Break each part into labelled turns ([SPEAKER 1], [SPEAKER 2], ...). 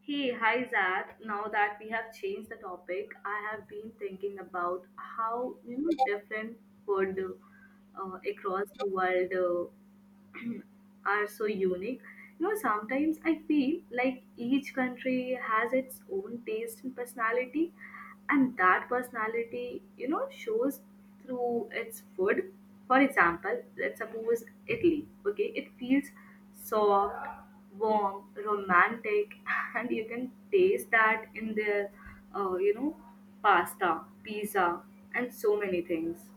[SPEAKER 1] Hey, hi Zach. Now that we have changed the topic, I have been thinking about how different food across the world are so unique. You know, sometimes I feel like each country has its own taste and personality, and that personality, you know, shows through its food. For example, let's suppose Italy, okay, it feels soft, warm, romantic, and you can taste that in their, uh, you know, pasta, pizza, and so many things.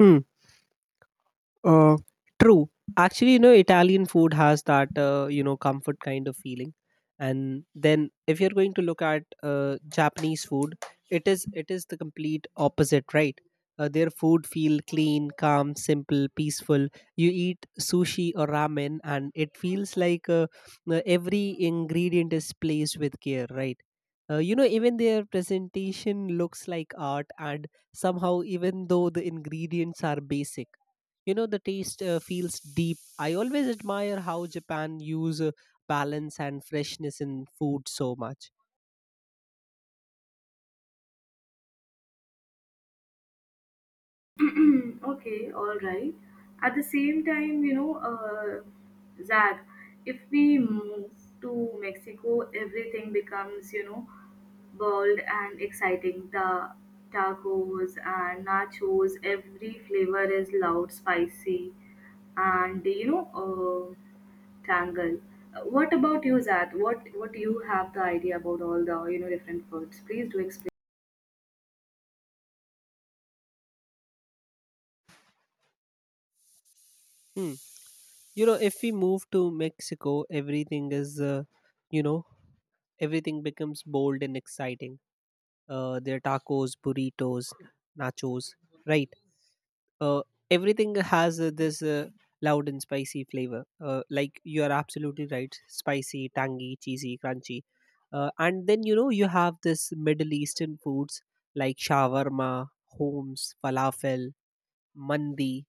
[SPEAKER 2] Hmm. Uh, True. Actually, you know, Italian food has that you know comfort kind of feeling, and then if you're going to look at Japanese food, it is the complete opposite, right? Their food feel clean, calm, simple, peaceful. You eat sushi or ramen, and it feels like every ingredient is placed with care, right? You know, even their presentation looks like art, and somehow, even though the ingredients are basic, you know the taste feels deep. I always admire how Japan use balance and freshness in food so much.
[SPEAKER 1] Okay, all right. At the same time, you know, Zach, if we move to Mexico, everything becomes, you know, bold and exciting. The tacos and nachos, every flavor is loud, spicy, and tangle. What about you, Zach? What do you have the idea about all the different foods? Please do explain.
[SPEAKER 2] Hmm. You know, if we move to Mexico, everything is you know everything becomes bold and exciting. Their tacos, burritos, nachos, right? uh, Everything has this loud and spicy flavor. Like, you are absolutely right: spicy, tangy, cheesy, crunchy. And then you know you have this Middle Eastern foods like shawarma, homes, falafel, mandi,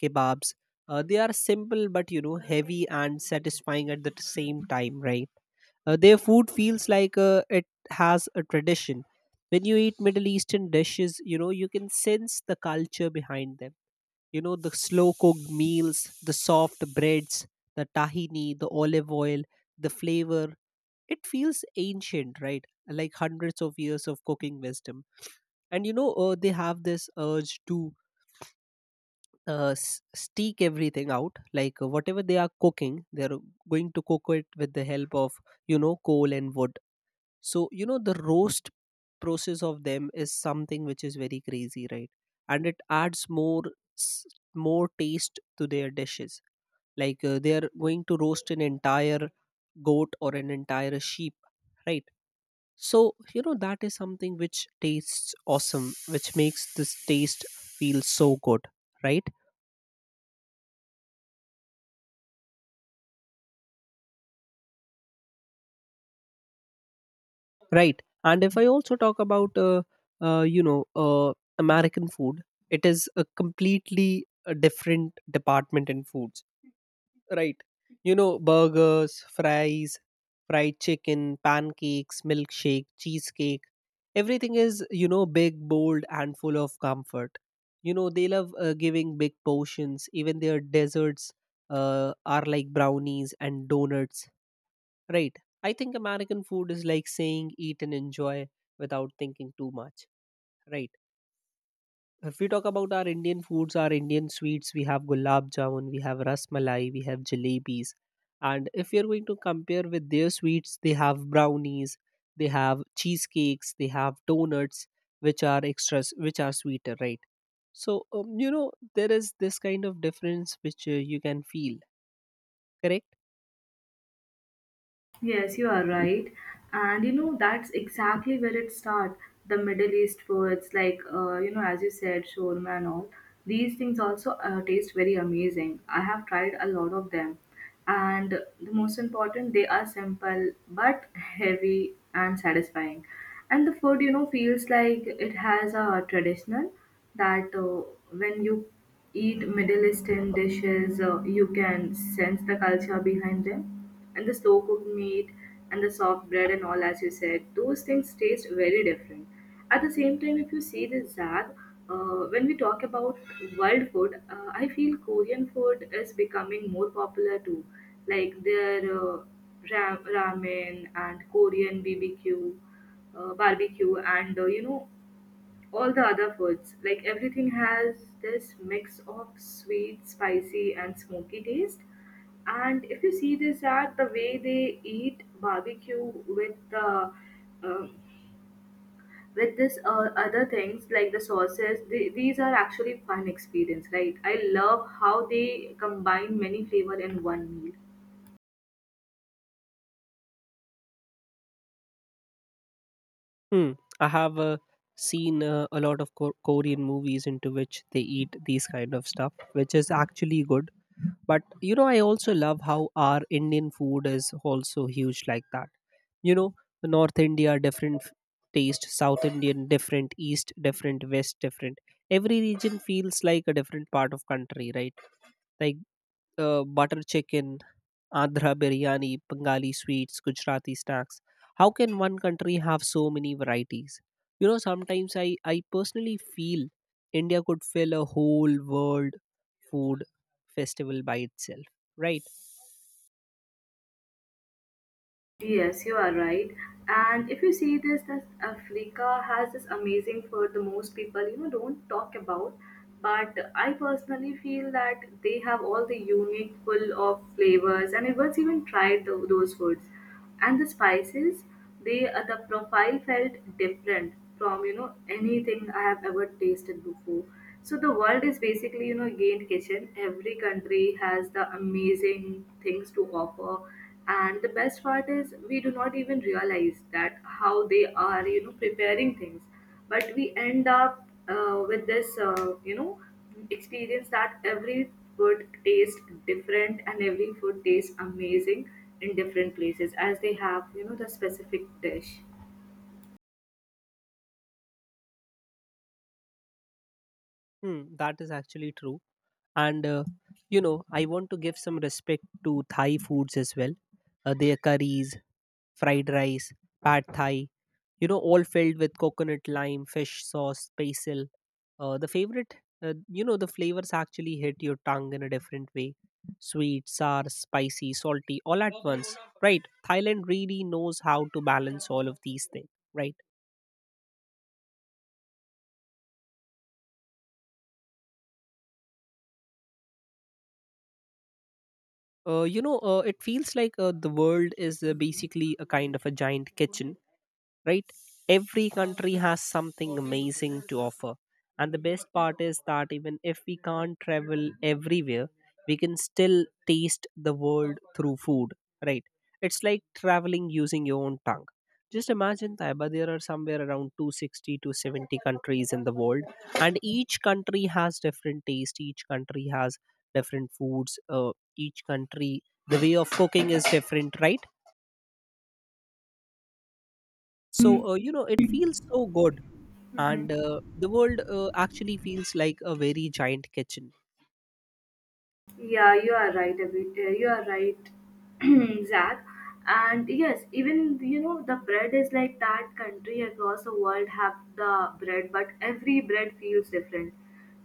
[SPEAKER 2] kebabs. They are simple but you know heavy and satisfying at the same time, right? Their food feels like it has a tradition. When you eat Middle Eastern dishes, you know you can sense the culture behind them. You know, the slow cooked meals, the soft breads, the tahini, the olive oil, the flavor. It feels ancient, right? Like hundreds of years of cooking wisdom, and you know they have this urge to steak everything out. Like whatever they are cooking, they're going to cook it with the help of, you know, coal and wood. So you know the roast process of them is something which is very crazy, right? And it adds more s- more taste to their dishes. Like they are going to roast an entire goat or an entire sheep, right? So you know that is something which tastes awesome, which makes this taste feel so good, right? Right. And if I also talk about, uh, you know, uh, American food, it is a completely different department in foods. Right. You know, burgers, fries, fried chicken, pancakes, milkshake, cheesecake. Everything is, you know, big, bold, and full of comfort. You know, they love giving big portions. Even their desserts are like brownies and donuts. Right. I think American food is like saying eat and enjoy without thinking too much. Right. If we talk about our Indian foods, our Indian sweets, we have gulab jamun, we have rasmalai, we have jalebis. And if you're going to compare with their sweets, they have brownies, they have cheesecakes, they have donuts, which are extras, which are sweeter, right? So, you know, there is this kind of difference which you can feel, correct?
[SPEAKER 1] Yes, you are right. And you know, that's exactly where it starts. The Middle East foods, like, as you said, shawarma and all, these things also taste very amazing. I have tried a lot of them. And the most important, they are simple but heavy and satisfying. And the food, you know, feels like it has a traditional that when you eat Middle Eastern dishes, you can sense the culture behind them and the slow cooked meat and the soft bread and all, as you said, those things taste very different. At the same time, if you see this, Zag, when we talk about world food, I feel Korean food is becoming more popular too, like their ramen and Korean BBQ, barbecue, and, all the other foods. Like everything has this mix of sweet, spicy, and smoky taste. And if you see this at the way they eat barbecue with the uh, with this other things like the sauces, they, these are actually fun experience, right? I love how they combine many flavor in one meal.
[SPEAKER 2] Hmm. I have seen a lot of Korean movies into which they eat these kind of stuff, which is actually good. But you know, I also love how our Indian food is also huge like that. You know, North India different taste, South Indian different, East different, West different. Every region feels like a different part of country, right? Like butter chicken, Andhra biryani, Bengali sweets, Gujarati snacks. How can one country have so many varieties? You know, sometimes I personally feel India could fill a whole world food festival by itself. Right?
[SPEAKER 1] Yes, you are right. And if you see this, that Africa has this amazing food the most people, you know, don't talk about. But I personally feel that they have all the unique full of flavors, and I once even tried those foods. And the spices, they, the profile felt different from, you know, anything I have ever tasted before. So the world is basically, you know, gained kitchen. Every country has the amazing things to offer, and the best part is, we do not even realize that how they are, you know, preparing things. But we end up with this, experience that every food tastes different and every food tastes amazing in different places as they have, you know, the specific dish.
[SPEAKER 2] Hmm, that is actually true. And, you know, I want to give some respect to Thai foods as well. Their curries, fried rice, pad thai, you know, all filled with coconut, lime, fish sauce, basil. The favorite You know, the flavors actually hit your tongue in a different way: sweet, sour, spicy, salty, all at once, right? Thailand really knows how to balance all of these things, right. You know, it feels like the world is basically a kind of a giant kitchen, right? Every country has something amazing to offer. And the best part is that even if we can't travel everywhere, we can still taste the world through food, right? It's like traveling using your own tongue. Just imagine, Taiba, there are somewhere around 260 to 70 countries in the world, and each country has different taste, each country has different foods, each country, the way of cooking is different, right? So, you know, it feels so good, and the world actually feels like a very giant kitchen.
[SPEAKER 1] Yeah, you are right, Abhi. You are right, Zach. And yes, even you know the bread is like that. Country across the world have the bread, but every bread feels different.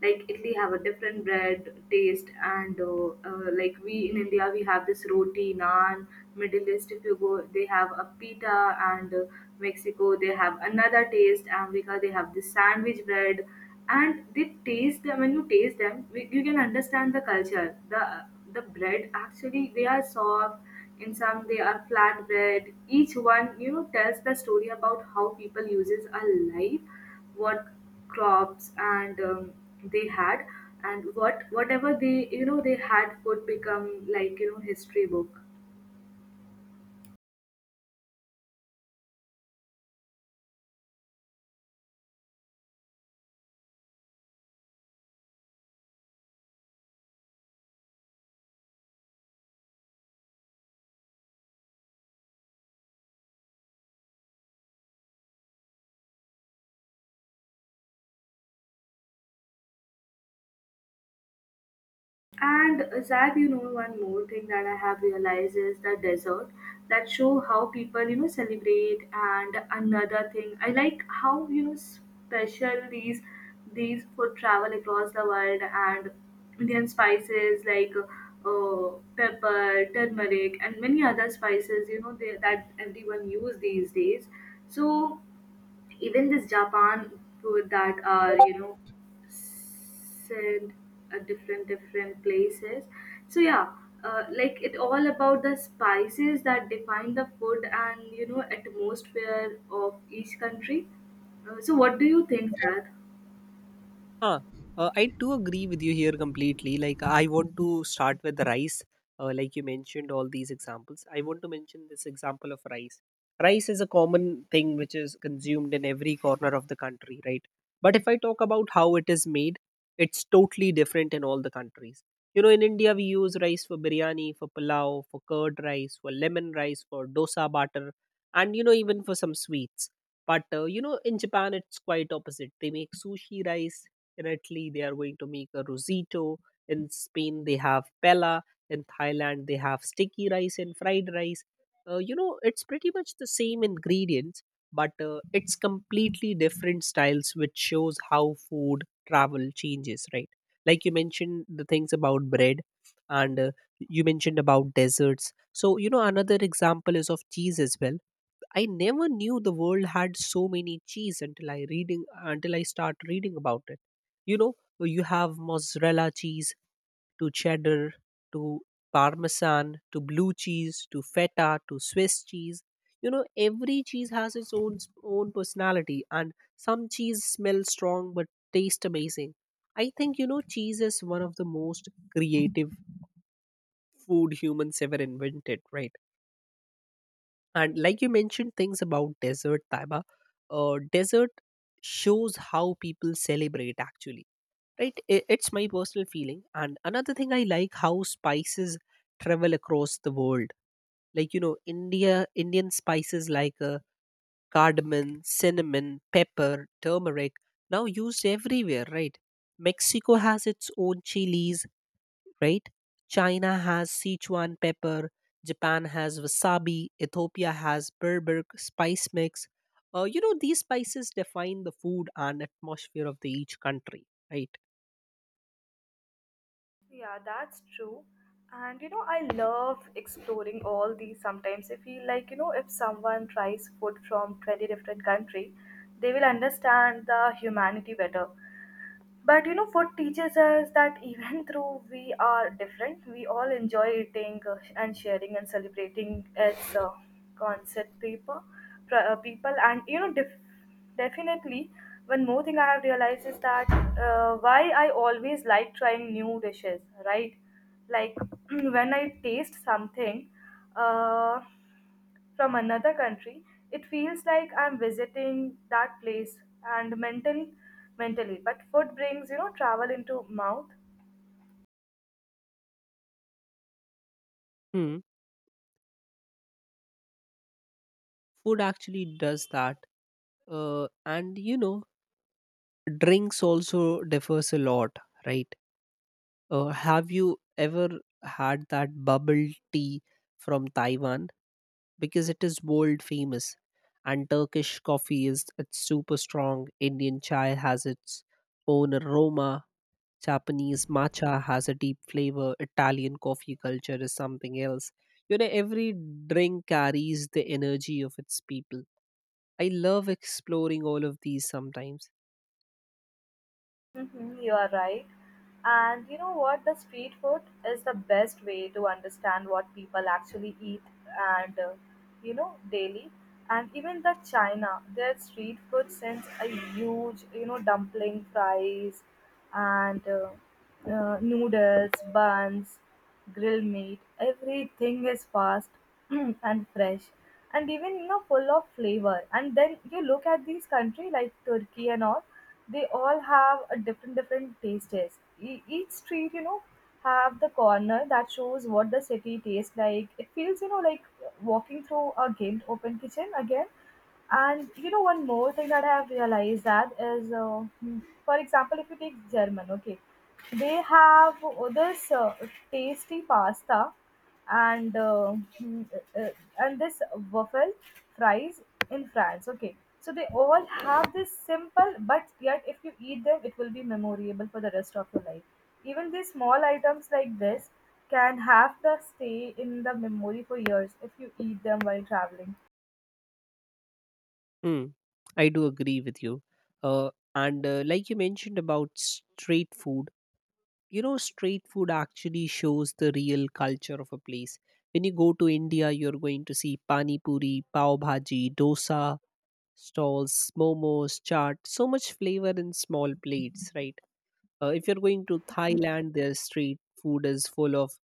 [SPEAKER 1] Like Italy have a different bread taste, and like we in India we have this roti, naan. Middle East, if you go, they have a pita, and, Mexico, they have another taste. America, they have this sandwich bread, and they taste them. When you taste them, you can understand the culture. the the bread, actually, they are soft in some, they are flat bread. Each one, you know, tells the story about how people uses a life, what crops and, they had, and what whatever they, you know, they had could become like, you know, history book. And Zach, you know, one more thing that I have realized is the desert that show how people, you know, celebrate. And another thing, I like how, you know, special these for travel across the world, and Indian spices like, uh, pepper, turmeric, and many other spices, you know, they, that everyone use these days. So even this Japan food that are, you know, sent at different different places. So yeah, like it all about the spices that define the food and, you know, atmosphere of each country. So what do you think that?
[SPEAKER 2] Huh. I do agree with you here completely. Like, I want to start with the rice. Like you mentioned, all these examples. I want to mention this example of rice. Rice is a common thing which is consumed in every corner of the country, right? But if I talk about how it is made, it's totally different in all the countries. You know, in India, we use rice for biryani, for pulao, for curd rice, for lemon rice, for dosa batter, and you know, even for some sweets. But you know, in Japan, it's quite opposite. They make sushi rice. In Italy, they are going to make a rosito. In Spain, they have pella. In Thailand, they have sticky rice and fried rice. You know, it's pretty much the same ingredients, but it's completely different styles, which shows how food travel changes, right? Like you mentioned the things about bread, and you mentioned about desserts. So you know another example is of cheese as well. I never knew the world had so many cheese until I start reading about it. You know, you have mozzarella cheese to cheddar to parmesan to blue cheese to feta to Swiss cheese. You know, every cheese has its own personality, and some cheese smell strong but taste amazing. I think, you know, cheese is one of the most creative food humans ever invented, right? And like you mentioned things about desert, Taiba, desert shows how people celebrate actually, right? It's my personal feeling. And another thing I like how spices travel across the world. Like, you know, India, Indian spices like cardamom, cinnamon, pepper, turmeric now used everywhere, right? Mexico has its own chilies, right? China has Sichuan pepper, Japan has wasabi, Ethiopia has Berberk spice mix. You know, these spices define the food and atmosphere of the each country, right?
[SPEAKER 1] Yeah, that's true. And you know, I love exploring all these. Sometimes I feel like, you know, if someone tries food from 20 different country, they will understand the humanity better. But you know, food teaches us that even though we are different, we all enjoy eating and sharing and celebrating its concept people, people, and, definitely. One more thing I have realized is that why I always like trying new dishes, right? Like when I taste something, uh, from another country, it feels like I'm visiting that place and mentally. But food brings, you know, travel into mouth.
[SPEAKER 2] Hmm. Food actually does that. And you know, drinks also differs a lot, right? Have you ever had that bubble tea from Taiwan? Because it is world famous. And Turkish coffee is it's super strong. Indian chai has its own aroma. Japanese matcha has a deep flavor. Italian coffee culture is something else. You know, every drink carries the energy of its people. I love exploring all of these sometimes.
[SPEAKER 1] Mhm, you are right. And you know what? The street food is the best way to understand what people actually eat and, you know, daily. And even the China, their street food sends a huge, you know, dumpling fries and noodles, buns, grilled meat. Everything is fast and fresh, and even, you know, full of flavor. And then you look at these country like Turkey and all. They all have a different different tastes. Each street, you know, have the corner that shows what the city tastes like. It feels, you know, like walking through a gamed open kitchen again. And you know, one more thing that I have realized that is, for example, if you take German, okay, they have this tasty pasta and, and this waffle fries in France, okay. So they all have this simple, but yet if you eat them, it will be memorable for the rest of your life. Even these small items like this can have the stay in the memory for years if you eat them while traveling.
[SPEAKER 2] Mm, I do agree with you. And Like you mentioned about street food, you know street food actually shows the real culture of a place. When you go to India, you're going to see pani puri, pav bhaji, dosa stalls, momos, chaat, so much flavor in small plates, right? If you're going to
[SPEAKER 1] Hmm?
[SPEAKER 2] Thailand, their street food is full of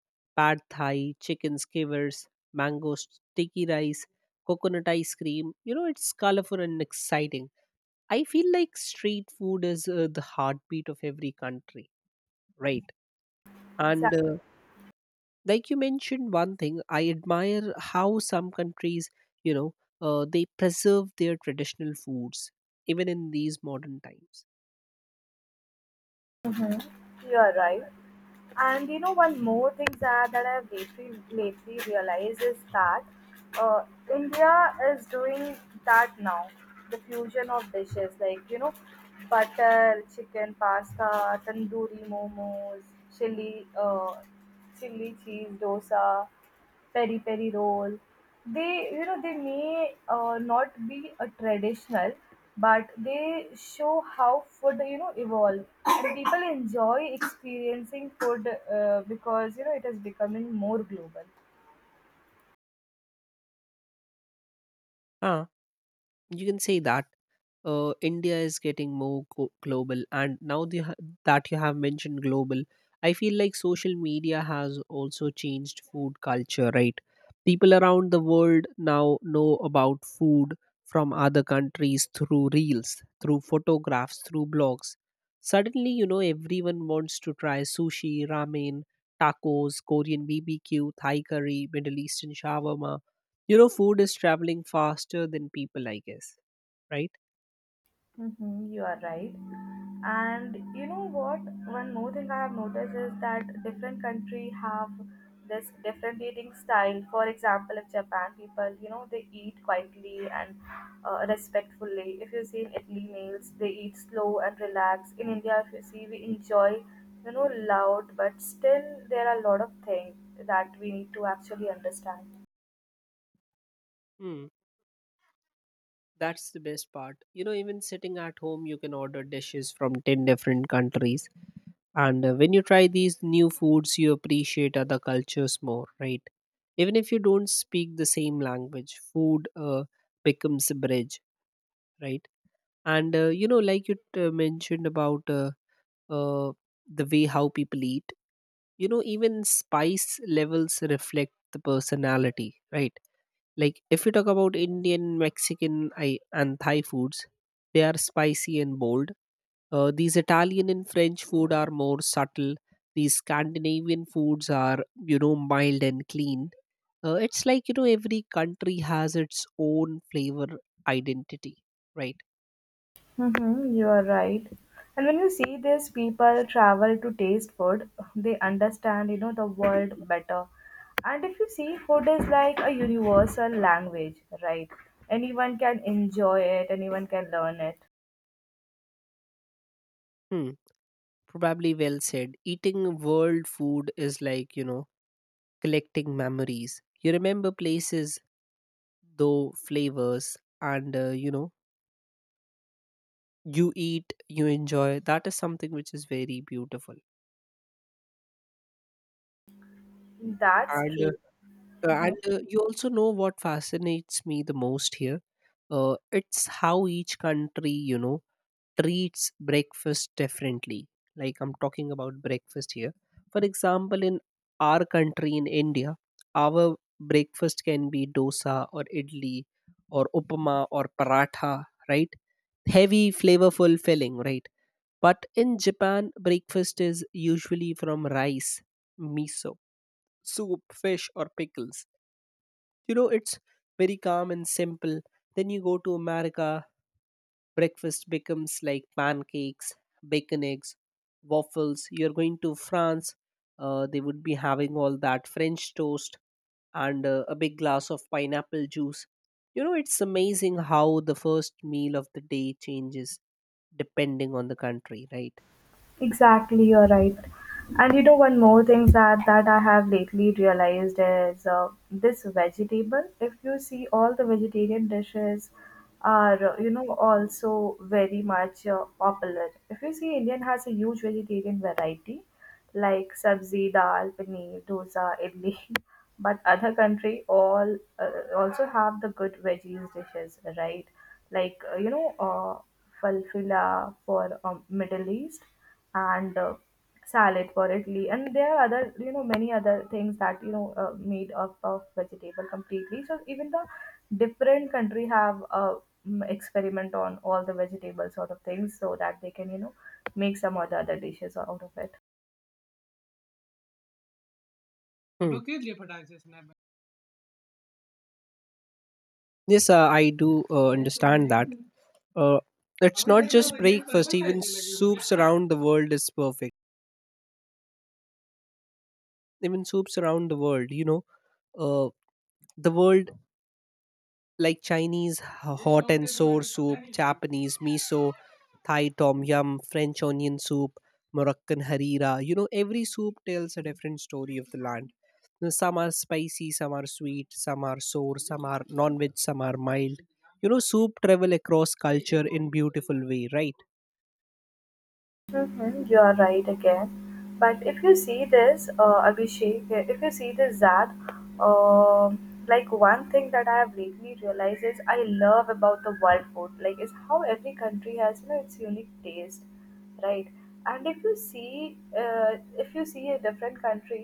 [SPEAKER 2] pad thai, chicken skewers, mango sticky rice, coconut ice cream. You know, it's colorful and exciting. I feel like street food is the heartbeat of every country, right? And
[SPEAKER 1] Exactly.
[SPEAKER 2] like you mentioned one thing, I admire how some countries, you know, they preserve their traditional foods even in these modern times.
[SPEAKER 1] Mm-hmm. You're right. And you know, one more thing, Zara, that I've lately realized is that uh, India is doing that now. The fusion of dishes like, you know, butter, chicken, pasta, tandoori momos, chili, uh, chili cheese, dosa peri peri roll. They, you know, they may not be a traditional, but they show how food, you know, evolve. And people enjoy experiencing food because you know it is becoming more global.
[SPEAKER 2] Ah, you can say that India is getting more global, and now the, that you have mentioned global, I feel like social media has also changed food culture, right? People around the world now know about food from other countries through reels, through photographs, through blogs. Suddenly, you know, everyone wants to try sushi, ramen, tacos, Korean BBQ, Thai curry, Middle Eastern shawarma. You know, food is traveling faster than people, I guess, right?
[SPEAKER 1] Mm-hmm, you are right. And you know what? One more thing I have noticed is that different country have this different eating style. For example, if Japan people, you know, they eat quietly and, respectfully. If you see in Italy meals, they eat slow and relaxed. In India, if you see, we enjoy, you know, loud, but still there are a lot of things that we need to actually understand.
[SPEAKER 2] That's the best part. You know, even sitting at home, you can order dishes from 10 different countries. And when you try these new foods, you appreciate other cultures more, right? Even if you don't speak the same language, food becomes a bridge, right? And, you know, like you mentioned about uh, the way how people eat, you know, even spice levels reflect the personality, right? Like if we talk about Indian, Mexican, I, and Thai foods, they are spicy and bold. These Italian and French food are more subtle. These Scandinavian foods are, you know, mild and clean. It's like you know every country has its own flavor identity, right?
[SPEAKER 1] Mm-hmm, you are right. And when you see this, people travel to taste food. They understand, you know, the world better. And if you see, food is like a universal language, right? Anyone can enjoy it. Anyone can learn it.
[SPEAKER 2] Hmm. Probably well said. Eating world food is like you know collecting memories. You remember places, though flavors, and you eat you enjoy that is something which is very beautiful
[SPEAKER 1] That's
[SPEAKER 2] and
[SPEAKER 1] true.
[SPEAKER 2] uh, and
[SPEAKER 1] Mhm.
[SPEAKER 2] uh, you also know what fascinates me the most here. It's how each country treats breakfast differently, like I'm talking about breakfast here. For example, in our country, in India, our breakfast can be dosa or idli or upama or paratha, right? Heavy, flavorful, filling, right? But in Japan, breakfast is usually from rice, miso, soup, fish, or pickles. You know, it's very calm and simple. Then you go to America, breakfast becomes like pancakes, bacon eggs, waffles. You're going to France, they would be having all that French toast and a big glass of pineapple juice. You know, it's amazing how the first meal of the day changes depending on the country, right?
[SPEAKER 1] Exactly, you're right. And you know, one more thing that I have lately realized is this vegetable. If you see, all the vegetarian dishes are, also very much popular. If you see, Indian has a huge vegetarian variety, like sabzi, dal, paneer, dosa, idli. But other country all also have the good veggies dishes, right? Like, falfila for, Middle East, and, salad for Italy, and there are other, you know, many other things that, you know, made up of vegetable completely. So even the different country have a experiment on all the vegetable sort of things so that they can, you know, make some other dishes out of it.
[SPEAKER 2] Hmm. Yes, I do understand that. Uh, it's not just breakfast, even soups around the world is perfect. Even soups around the world, uh, the world, like Chinese hot and sour soup, Japanese miso, Thai tom yum, French onion soup, Moroccan harira. You know, every soup tells a different story of the land. You know, some are spicy, some are sweet, some are sour, some are non veg, some are mild. You know, soup travel across culture in beautiful way, right?
[SPEAKER 1] Mm-hmm, you are right again. But if you see this, Abhishek, eh, if you see this, Zad, um like one thing that I have lately realized is I love about the world food, like is how every country has, you know, its unique taste, right? And if you see, a different country,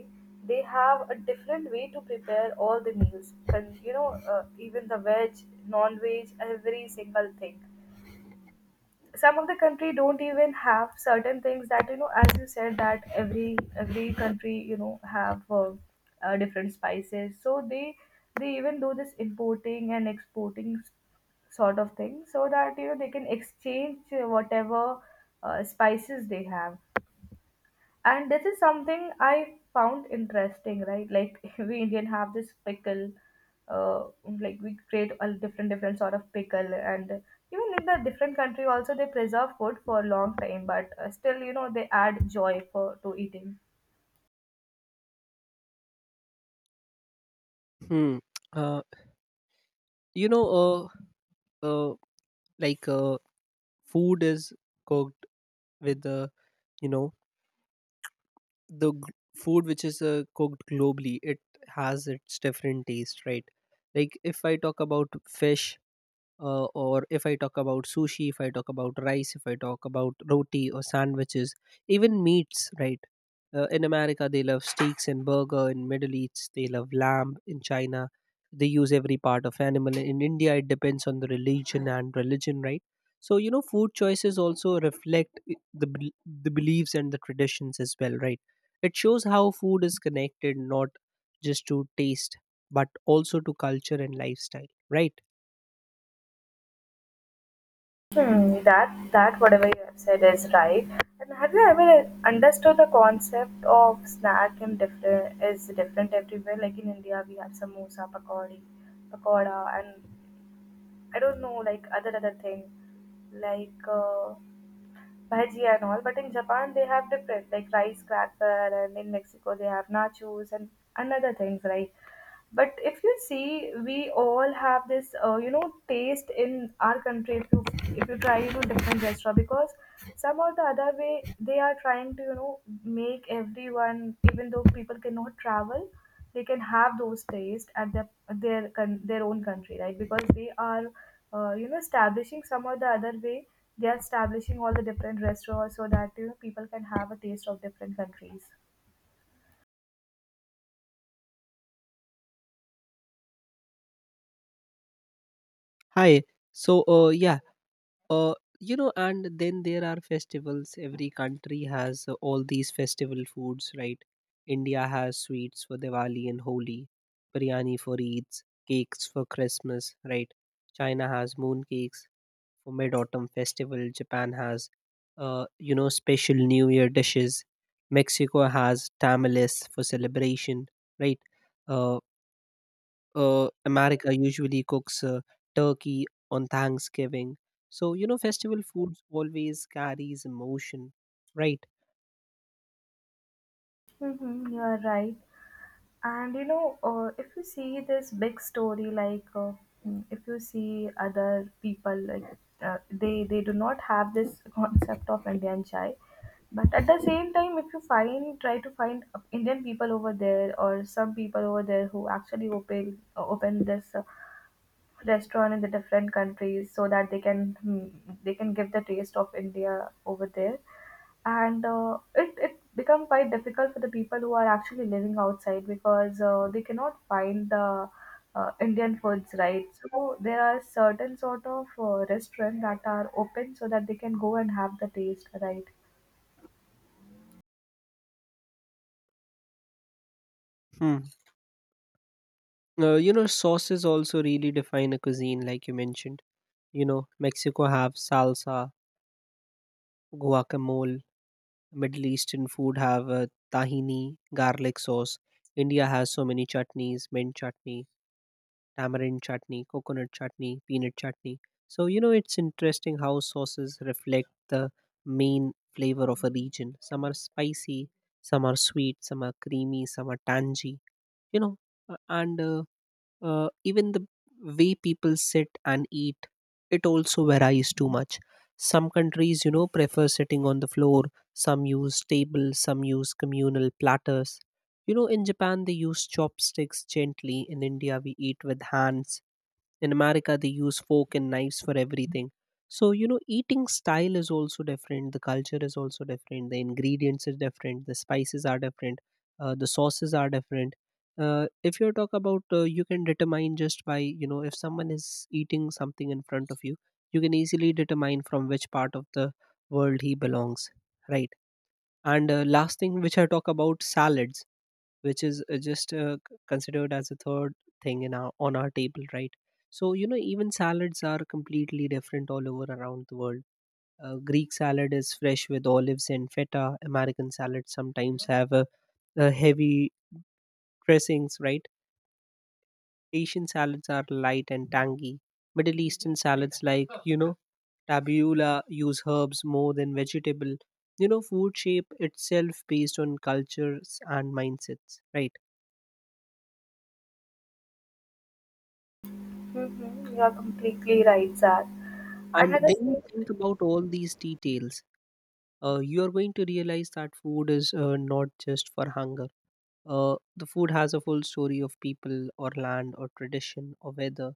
[SPEAKER 1] they have a different way to prepare all the meals. And you know, even the veg, non-veg, every single thing, some of the country don't even have certain things that, you know, as you said that every country, you know, have different spices, so they even do this importing and exporting sort of thing so that, you know, they can exchange, whatever spices they have. And this is something I found interesting, right? Like we Indian have this pickle, uh, like we create a different different sort of pickle, and even in the different country also they preserve food for a long time, but still, you know, they add joy for to eating.
[SPEAKER 2] Hmm. Uh, you know, uh, uh, like uh, Food is cooked with, you know, the g- food which is cooked globally, it has its different taste, right? Like if I talk about fish, or if I talk about sushi, if I talk about rice, if I talk about roti or sandwiches, even meats, right? In America, they love steaks and burger. In Middle East, they love lamb. In China, they use every part of animal. In India, it depends on the religion and religion, right? So you know, food choices also reflect the beliefs and the traditions as well, right? It shows how food is connected not just to taste but also to culture and lifestyle, right?
[SPEAKER 1] Hmm, that whatever you have said is right. And have you ever understood the concept of snack in different is different everywhere? Like in India, we have samosa, pakodi, pakoda, and I don't know like other thing like bhaji and all. But in Japan they have different like rice cracker, and in Mexico they have nachos and another things, right? But if you see, we all have this, taste in our country. If you try to different restaurant because some or the other way they are trying to, you know, make everyone, even though people cannot travel, they can have those taste at their their own country, right? Because they are, establishing some or the other way, they are establishing all the different restaurants so that, you know, people can have a taste of different countries.
[SPEAKER 2] Hi. So, yeah, uh, you know, and then there are festivals. Every country has all these festival foods, right? India has sweets for Diwali and Holi, biryani for Eids, cakes for Christmas, right? China has moon cakes for Mid Autumn Festival. Japan has, special New Year dishes. Mexico has tamales for celebration, right? Uh, America usually cooks turkey on Thanksgiving. So you know, festival foods always carries emotion, right?
[SPEAKER 1] Mm-hmm, you are right. And you know, if you see this big story, like, if you see other people, like, they do not have this concept of Indian chai. But at the same time, if you find try to find Indian people over there or some people over there who actually open open this restaurant in the different countries so that they can, they can give the taste of India over there, and it it become quite difficult for the people who are actually living outside because they cannot find the Indian foods, right. So there are certain sort of restaurants that are open so that they can go and have the taste, right.
[SPEAKER 2] Hmm. You know, sauces also really define a cuisine, like you mentioned. You know, Mexico have salsa, guacamole, Middle Eastern food have tahini, garlic sauce. India has so many chutneys, mint chutney, tamarind chutney, coconut chutney, peanut chutney. So, you know, it's interesting how sauces reflect the main flavor of a region. Some are spicy, some are sweet, some are creamy, some are tangy, you know, and even the way people sit and eat, it also varies too much. Some countries, you know, prefer sitting on the floor, some use tables, some use communal platters. You know, in Japan they use chopsticks gently, in India we eat with hands, in America they use fork and knives for everything. So you know, eating style is also different, the culture is also different, the ingredients is different, the spices are different, the sauces are different. If you talk about you can determine just by you know if someone is eating something in front of you, you can easily determine from which part of the world he belongs, right? And last thing which I talk about, salads, which is just considered as a third thing in our on our table, right? So you know, even salads are completely different all over around the world. Greek salad is fresh with olives and feta, American salads sometimes have a heavy dressings, right? Asian salads are light and tangy. Middle Eastern salads, like, you know, tabiola use herbs more than vegetable. You know, food shape itself based on cultures and mindsets, right?
[SPEAKER 1] Mm-hmm. You are completely right, Zach. And
[SPEAKER 2] And
[SPEAKER 1] at the
[SPEAKER 2] when you
[SPEAKER 1] same.
[SPEAKER 2] think about all these details, you are going to realize that food is not just for hunger. The food has a full story of people or land or tradition or weather,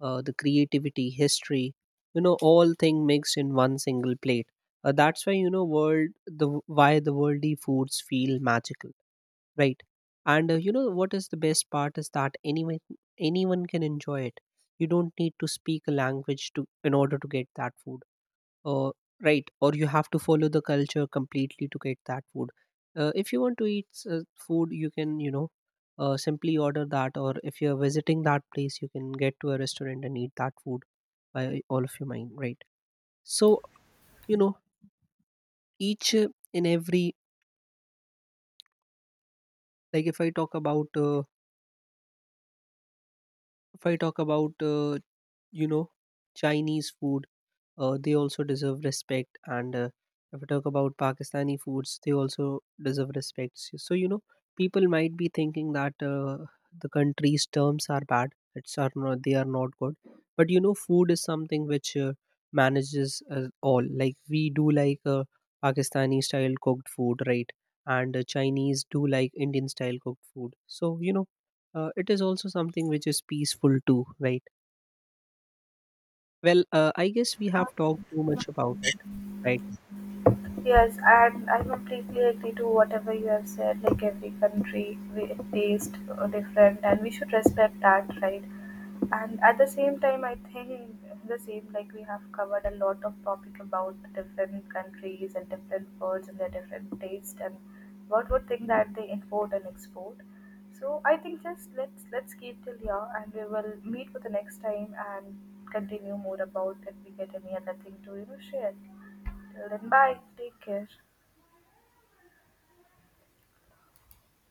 [SPEAKER 2] the creativity, history, you know, all thing mixed in one single plate. That's why you know world the why the worldly foods feel magical, right? And you know what is the best part is that anyone can enjoy it. You don't need to speak a language to in order to get that food, uh, right, or you have to follow the culture completely to get that food. If you want to eat food, you can you know simply order that, or if you're visiting that place, you can get to a restaurant and eat that food by all of your mind, right? So you know, each in every, like if I talk about, if i talk about uh, you know Chinese food, they also deserve respect. And if we talk about Pakistani foods, they also deserve respect. So, you know, people might be thinking that the country's terms are bad. It's are not They are not good, but you know, food is something which manages us all. Like we do like Pakistani style cooked food, right? And Chinese do like Indian style cooked food. So you know, it is also something which is peaceful too, right? Well, I guess we have talked too much about it, right?
[SPEAKER 1] Yes, and I completely agree to whatever you have said. Like every country, we taste different, and we should respect that, right? And at the same time, I think the same, like, we have covered a lot of topic about different countries and different foods and their different taste and what would thing that they import and export. So I think just let's keep till here, and we will meet for the next time and continue more about if we get any other thing to, you know, share. Till then, bye. Take care.